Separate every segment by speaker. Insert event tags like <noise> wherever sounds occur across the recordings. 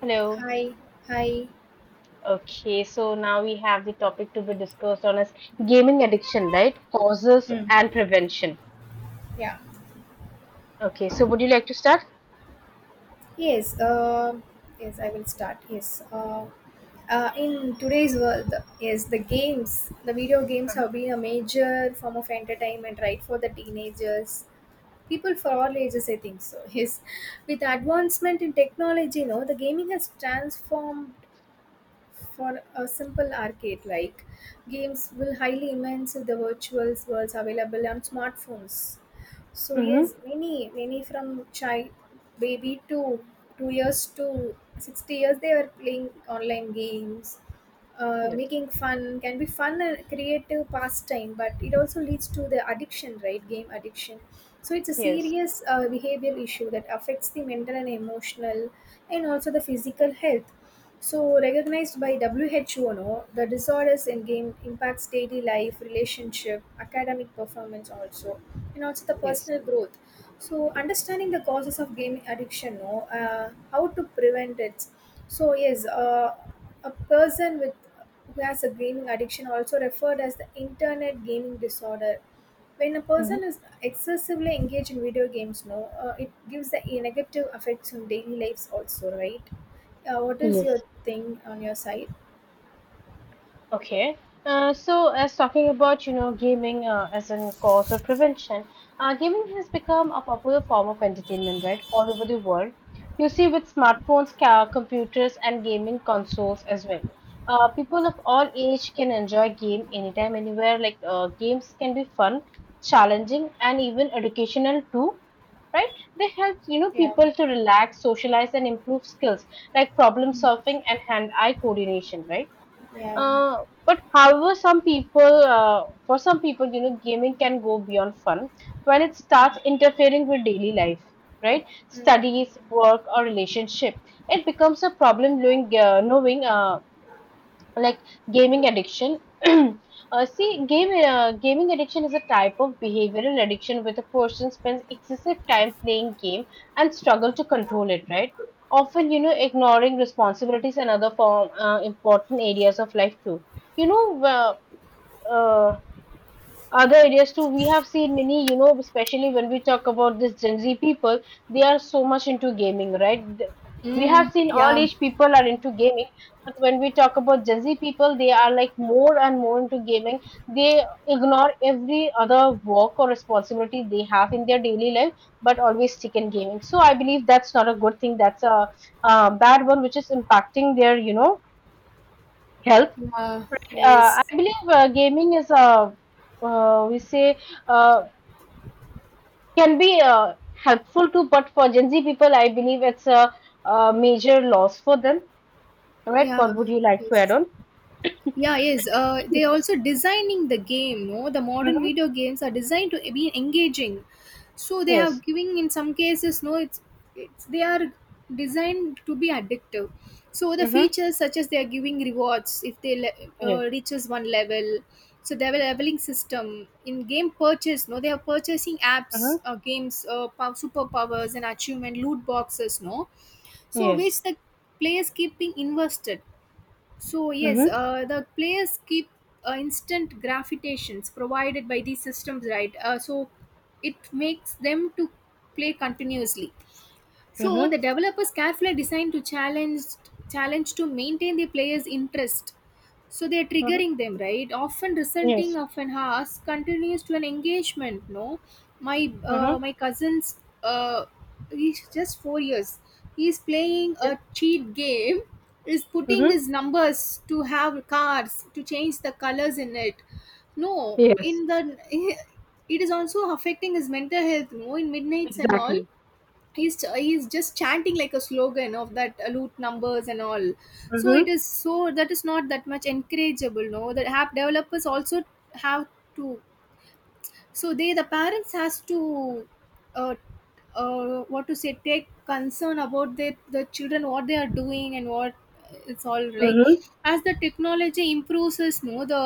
Speaker 1: Hello.
Speaker 2: Hi, hi.
Speaker 1: Okay, so now we have the topic to be discussed on as gaming addiction, right? Causes
Speaker 2: Hmm.
Speaker 1: and prevention.
Speaker 2: Yeah.
Speaker 1: Okay, so would you like to start?
Speaker 2: Yes. Yes, I will start. Yes. In today's world, yes, the games, the video games have been a major form of entertainment, right, for the teenagers, people for all ages. I think so. <laughs> Yes. With advancement in technology, the gaming has transformed for a simple arcade like games will highly immense the virtual worlds available on smartphones. So
Speaker 1: Mm-hmm.
Speaker 2: yes, many from child baby to 2 years to 60 years they are playing online games,
Speaker 1: Yes.
Speaker 2: making fun can be fun and creative pastime, but it also leads to the addiction, right? Game addiction. So it's a
Speaker 1: Yes.
Speaker 2: serious behavior issue that affects the mental and emotional and also the physical health. So, recognized by WHO, no, the disorders in game impacts daily life, relationship, academic performance also, and also the
Speaker 1: Yes.
Speaker 2: personal growth. So, understanding the causes of game addiction, no, how to prevent it. So, yes, uh, a person with who has a gaming addiction, also referred as the internet gaming disorder. When a
Speaker 1: Mm-hmm.
Speaker 2: person is excessively engaged in video games, no, it gives the negative effects on daily lives also, right? What is your
Speaker 1: Yes.
Speaker 2: thing on your side?
Speaker 1: Okay. As talking about, you know, gaming as a cause of prevention, gaming has become a popular form of entertainment, right, all over the world. You see, with smartphones, computers, and gaming consoles as well. People of all age can enjoy game anytime, anywhere. Like games can be fun, challenging, and even educational too, right? They help, you know,
Speaker 2: Yeah.
Speaker 1: people to relax, socialize, and improve skills like problem solving and hand-eye coordination, right?
Speaker 2: Yeah.
Speaker 1: Uh, but however, some people, for some people, you know, gaming can go beyond fun when it
Speaker 2: Mm.
Speaker 1: starts interfering with daily life, right?
Speaker 2: Mm.
Speaker 1: Studies, work, or relationship. It becomes a problem knowing, like gaming addiction <clears throat> see game gaming addiction is a type of behavioral addiction where the person spends excessive time playing game and struggle to control it, right? Often, you know, ignoring responsibilities and other form important areas of life too. you know uh, uh, Other areas too, we have seen many, you know, especially when we talk about this Gen Z people, they are so much into gaming, right? We have
Speaker 2: Mm,
Speaker 1: seen all
Speaker 2: yeah.
Speaker 1: age people are into gaming, but when we talk about Gen Z people, they are like more and more into gaming. They ignore every other work or responsibility they have in their daily life, but always stick in gaming. So I believe that's not a good thing, that's a, uh, bad one, which is impacting their, you know, health.
Speaker 2: Yeah.
Speaker 1: Right. Uh, I
Speaker 2: Yes.
Speaker 1: believe gaming is we say uh, can be helpful to, but for Gen Z people, I believe it's a, uh, major loss for them. Right? What
Speaker 2: Yeah.
Speaker 1: would you like to add
Speaker 2: Yes.
Speaker 1: on?
Speaker 2: Yeah, yes. They also designing the game. No, the modern
Speaker 1: Mm-hmm.
Speaker 2: video games are designed to be engaging. So they
Speaker 1: Yes.
Speaker 2: have giving in some cases. No, it's they are designed to be addictive. So the
Speaker 1: Mm-hmm.
Speaker 2: features such as they are giving rewards if they
Speaker 1: Yes.
Speaker 2: reaches one level. So they have a leveling system in game purchase. No, they are purchasing
Speaker 1: Mm-hmm.
Speaker 2: apps, games, superpowers and achievement loot boxes. No, so
Speaker 1: Yes.
Speaker 2: which the players keeping invested so yes,
Speaker 1: Mm-hmm.
Speaker 2: the players keep instant gravitations provided by these systems, right? So it makes them to play continuously. So
Speaker 1: Mm-hmm.
Speaker 2: the developers carefully designed to challenge challenge to maintain the players' interest. So they are
Speaker 1: Mm-hmm.
Speaker 2: triggering them, right? Often
Speaker 1: Yes.
Speaker 2: resulting of an ask continues to an engagement. No, my uh,
Speaker 1: Mm-hmm.
Speaker 2: my cousin's he's just 4 years. He's playing
Speaker 1: Yes.
Speaker 2: a cheat game. Is putting
Speaker 1: Mm-hmm.
Speaker 2: his numbers to have cards to change the colors in it. No,
Speaker 1: Yes.
Speaker 2: in the <laughs> it is also affecting his mental health. No, in midnights and all
Speaker 1: Exactly.
Speaker 2: he's just chanting like a slogan of that loot numbers and all. So it
Speaker 1: Mm-hmm.
Speaker 2: is, so that is not that much encourageable. No, that app developers also have to, so they the parents has to, uh, what to say, take concern about their the children what they are doing and what it's all right.
Speaker 1: Mm-hmm.
Speaker 2: As the technology improves us, no, the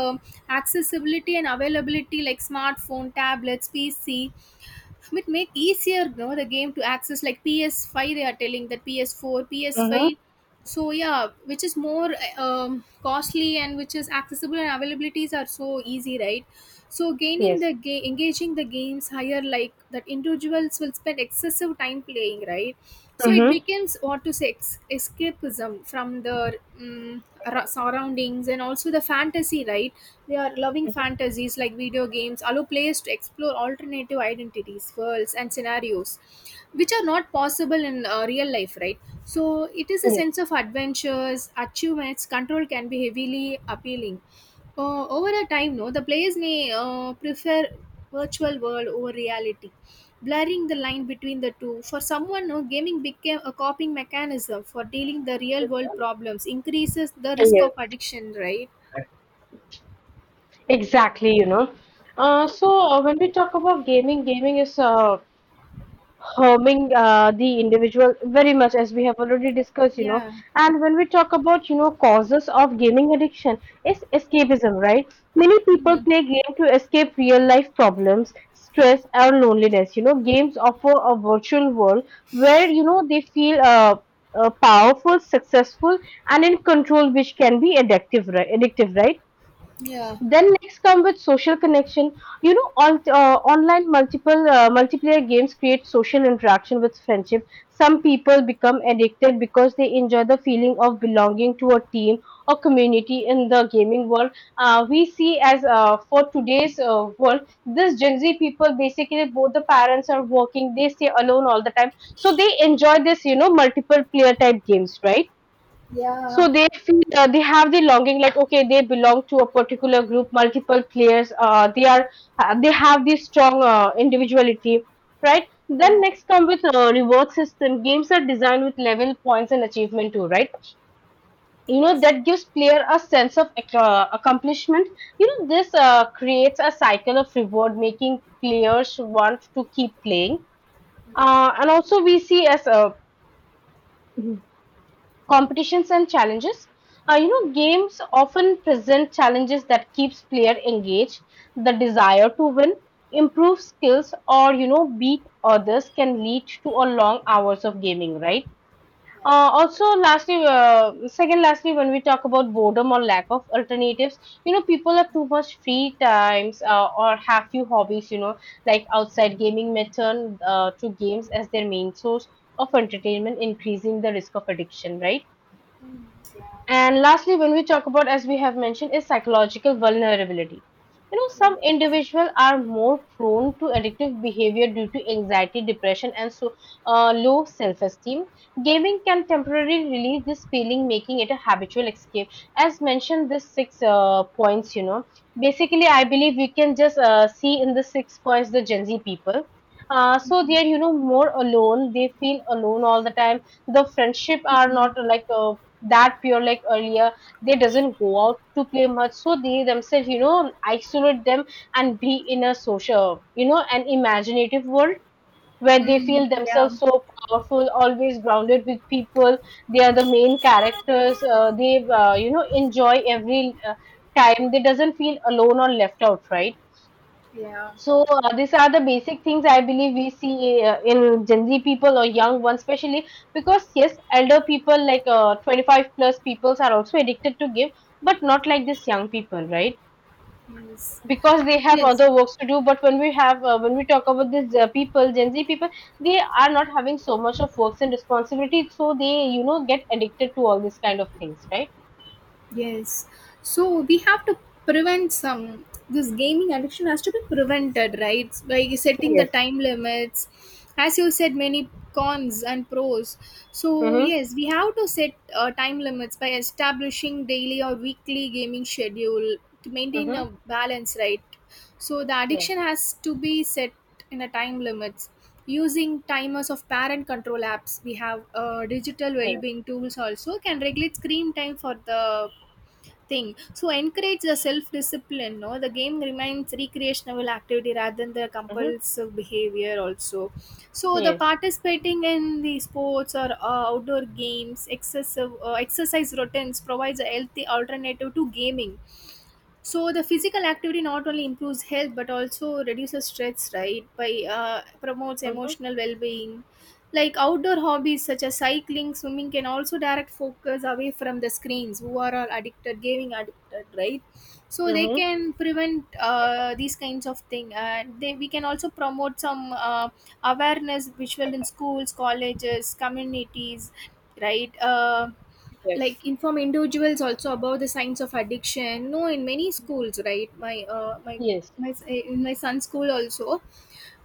Speaker 2: accessibility and availability like smartphone, tablets, pc, it make easier, the game to access like PS5. They are telling that PS4,
Speaker 1: Mm-hmm.
Speaker 2: PS5, so yeah, which is more costly and which is accessible and availabilities are so easy, right? So gaining
Speaker 1: Yes.
Speaker 2: the game, engaging the games higher, like that individuals will spend excessive time playing, right? So it
Speaker 1: Mm-hmm.
Speaker 2: becomes, what to say, escapism from the surroundings and also the fantasy, right? They are loving fantasies like video games allow players to explore alternative identities, worlds, and scenarios which are not possible in real life, right? So it is a
Speaker 1: Yes.
Speaker 2: sense of adventures, achievements, control can be heavily appealing. Over a time, no, the players may prefer virtual world over reality, blurring the line between the two. For someone, no, gaming became a coping mechanism for dealing the real world problems, increases the risk of
Speaker 1: Yes.
Speaker 2: addiction, right?
Speaker 1: Exactly, you know. So when we talk about gaming, gaming is harming the individual very much, as we have already discussed, you know.
Speaker 2: Yeah.
Speaker 1: And when we talk about, you know, causes of gaming addiction, is escapism, right? Many people
Speaker 2: Mhm.
Speaker 1: play game to escape real life problems, stress, or loneliness. You know, games offer a virtual world where, you know, they feel powerful, successful, and in control, which can be addictive, right? Addictive, right?
Speaker 2: Yeah.
Speaker 1: Then next come with social connection. You know, on, online multiple multiplayer games create social interaction with friendship. Some people become addicted because they enjoy the feeling of belonging to a team or community in the gaming world. We see as for today's world, this Gen Z people, basically both the parents are working. They stay alone all the time, so they enjoy this, you know, multiple player type games, right? So
Speaker 2: Yeah,
Speaker 1: they feel, they have the longing, like, okay, they belong to a particular group, multiple players, they are, they have this strong, individuality, right? Then
Speaker 2: yeah,
Speaker 1: next come with, reward system. Games are designed with level points and achievement too, right? You know,
Speaker 2: yes,
Speaker 1: that gives player a sense of accomplishment. You know, this, creates a cycle of reward, making players want to keep playing. Uh, and also, we see as a competitions and challenges. You know, games often present challenges that keeps player engaged. The desire to win, improve skills, or, you know, beat others can lead to a long hours of gaming. Right. Also, lastly, second, lastly, when we talk about boredom or lack of alternatives, you know, people have too much free times, or have few hobbies. You know, like outside gaming, may turn, to games as their main source of entertainment, increasing the risk of addiction. Right.
Speaker 2: yeah,
Speaker 1: And lastly, when we talk about, as we have mentioned, is psychological vulnerability. You know, some individuals are more prone to addictive behavior due to anxiety, depression, and so, low self-esteem. Gaming can temporarily relieve this feeling, making it a habitual escape. As mentioned, this six, points, you know, basically, I believe we can just, see in the six points the Gen Z people. So they are, you know, more alone. They feel alone all the time. The friendship are not like, that pure like earlier. They doesn't go out to play much, so they themselves, you know, isolate them and be in a social, you know, an imaginative world where they
Speaker 2: Mm,
Speaker 1: feel
Speaker 2: yeah.
Speaker 1: themselves so powerful, always grounded with people. They are the main characters, they, you know, enjoy every, time. They doesn't feel alone or left out, right?
Speaker 2: yeah,
Speaker 1: So, these are the basic things I believe we see, in Gen Z people or young ones, especially because, yes, elder people like, 25 plus peoples are also addicted to game, but not like this young people, right?
Speaker 2: yes.
Speaker 1: Because they have
Speaker 2: Yes.
Speaker 1: other works to do. But when we have, when we talk about these, people, Gen Z people, they are not having so much of works and responsibility, so they, you know, get addicted to all these kind of things, right?
Speaker 2: Yes. So we have to prevent some, this gaming addiction has to be prevented, right? By setting the
Speaker 1: Yes.
Speaker 2: time limits. As you said, many cons and pros. So
Speaker 1: Mm-hmm.
Speaker 2: yes, we have to set time limits by establishing daily or weekly gaming schedule to maintain a
Speaker 1: Mm-hmm.
Speaker 2: balance, right? So the
Speaker 1: Yes.
Speaker 2: addiction has to be set in a time limits. Using timers of parent control apps, we have digital
Speaker 1: Yes.
Speaker 2: well-being tools also can regulate screen time for the thing, so encourage the self-discipline, no, the game remains recreational activity rather than the
Speaker 1: Mm-hmm.
Speaker 2: compulsive behavior also. So the
Speaker 1: Yes.
Speaker 2: participating in the sports or outdoor games, excessive exercise routines provides a healthy alternative to gaming, so the physical activity not only improves health but also reduces stress, right? By promotes
Speaker 1: Mm-hmm.
Speaker 2: emotional well-being. Like outdoor hobbies such as cycling, swimming can also direct focus away from the screens. Who are all addicted, gaming addicted, right? So they
Speaker 1: Mm-hmm.
Speaker 2: can prevent these kinds of thing. And they we can also promote some awareness visual in schools, colleges, communities, right? Uh,
Speaker 1: Yes.
Speaker 2: like inform individuals also about the signs of addiction, no, in many
Speaker 1: Mhm.
Speaker 2: schools, right? my uh, my
Speaker 1: Yes.
Speaker 2: my in my son's school also,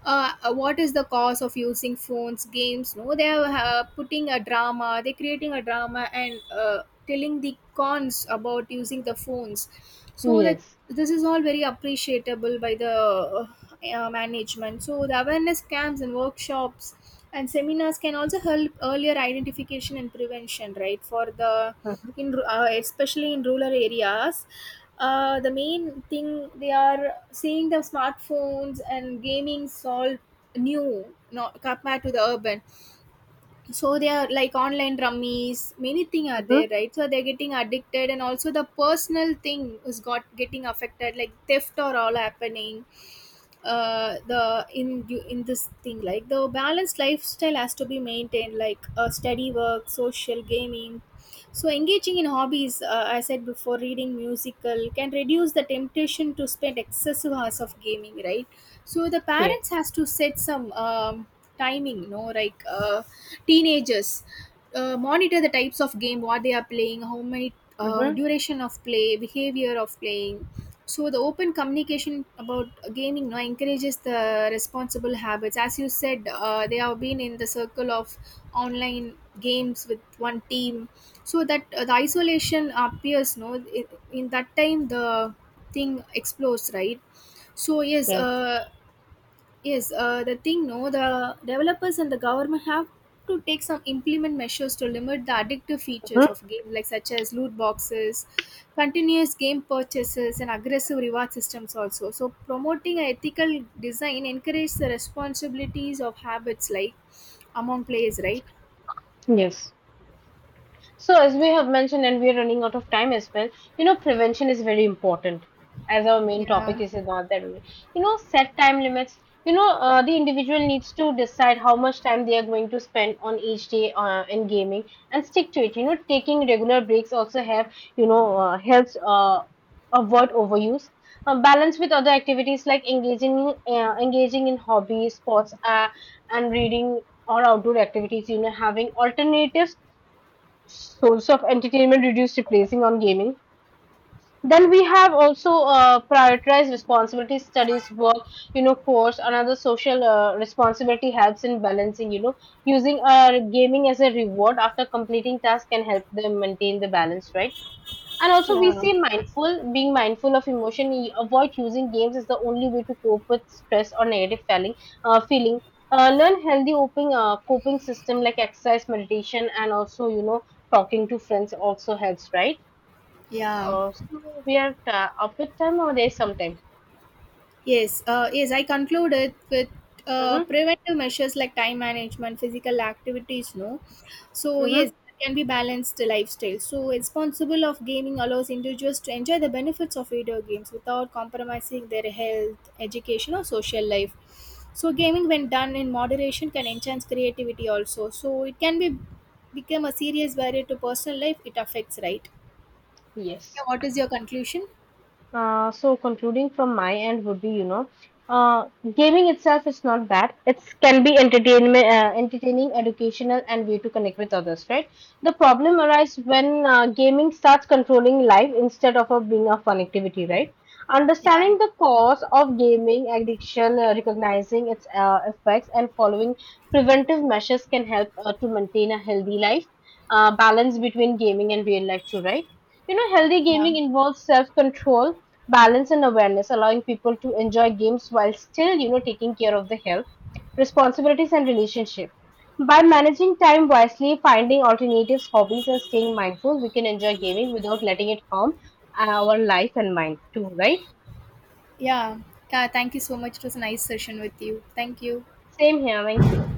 Speaker 2: what is the cause of using phones, games, no, they are putting a drama, they're creating a drama and telling the cons about using the phones, so that
Speaker 1: Yes.
Speaker 2: this is all very appreciable by the management. So the awareness camps and workshops and seminars can also help earlier identification and prevention, right? For the, especially in rural areas, the main thing they are seeing the smartphones and gaming solve new, not compared to the urban. So they are like online rummies, many thing are
Speaker 1: Mhm.
Speaker 2: there, right? So they're getting addicted and also the personal thing is got getting affected, like theft or all happening. The In you in this thing, like the balanced lifestyle has to be maintained like study, work, social, gaming. So engaging in hobbies, I said before, reading, musical, can reduce the temptation to spend excessive hours of gaming, right? So the
Speaker 1: Yes.
Speaker 2: parents has to set some timing, no, like teenagers, monitor the types of game what they are playing, how many,
Speaker 1: Mhm.
Speaker 2: duration of play, behavior of playing. So the open communication about gaming now encourages the responsible habits. As you said, they have been in the circle of online games with one team, so that the isolation appears, no, in that time the thing explodes, right? so yes
Speaker 1: Yes.
Speaker 2: uh, Yes, the thing, no, the developers and the government have to take some implement measures to limit the addictive features
Speaker 1: Mhm.
Speaker 2: of game, like such as loot boxes, continuous game purchases, and aggressive reward systems. Also, so promoting an ethical design encourages the responsibilities of habits like among players, right?
Speaker 1: Yes. So, as we have mentioned, and we are running out of time as well, you know, prevention is very important as our main topic
Speaker 2: Yeah,
Speaker 1: is not that only. You know, set time limits. You know, the individual needs to decide how much time they are going to spend on each day, in gaming and stick to it. You know, taking regular breaks also have, you know, helps, avoid overuse. Balance with other activities like engaging in, engaging in hobbies, sports, and reading or outdoor activities. You know, having alternatives source of entertainment reduced replacing on gaming. Then we have also, prioritized responsibility, studies, work, you know, course another social, responsibility helps in balancing, you know, using, gaming as a reward after completing task, can help them maintain the balance, right? And also, we
Speaker 2: yeah,
Speaker 1: say mindful, being mindful of emotion, avoid using games is the only way to cope with stress or negative feeling. Feeling. Learn healthy coping system like exercise, meditation, and also, you know, talking to friends also helps, right?
Speaker 2: yeah.
Speaker 1: So we are, up with time or there's some time?
Speaker 2: Yes, yes, I concluded with
Speaker 1: Mm-hmm.
Speaker 2: preventive measures like time management, physical activities, no. So
Speaker 1: Mm-hmm.
Speaker 2: yes, that can be balanced lifestyle. So responsible of gaming allows individuals to enjoy the benefits of video games without compromising their health, education, or social life. So gaming, when done in moderation, can enhance creativity also. So it can be become a serious barrier to personal life. It affects, right? Yeah,
Speaker 1: Yes.
Speaker 2: what is your conclusion?
Speaker 1: So concluding from my end would be, you know, uh, gaming itself is not bad. It can be entertaining, educational, and way to connect with others, right? The problem arises when, gaming starts controlling life instead of a, being a fun activity, right?
Speaker 2: Yeah,
Speaker 1: Understanding the cause of gaming addiction, recognizing its, effects, and following preventive measures can help, to maintain a healthy life, balance between gaming and real life too, right? You know, healthy
Speaker 2: yeah.
Speaker 1: gaming involves self control, balance and awareness, allowing people to enjoy games while still, you know, taking care of the health, responsibilities, and relationship. By managing time wisely, finding alternatives, hobbies, and staying mindful, we can enjoy gaming without letting it harm, our life and mind too, right?
Speaker 2: Yeah. Yeah. Thank you so much. It was a nice session with you. Thank you.
Speaker 1: Same here. Thank you.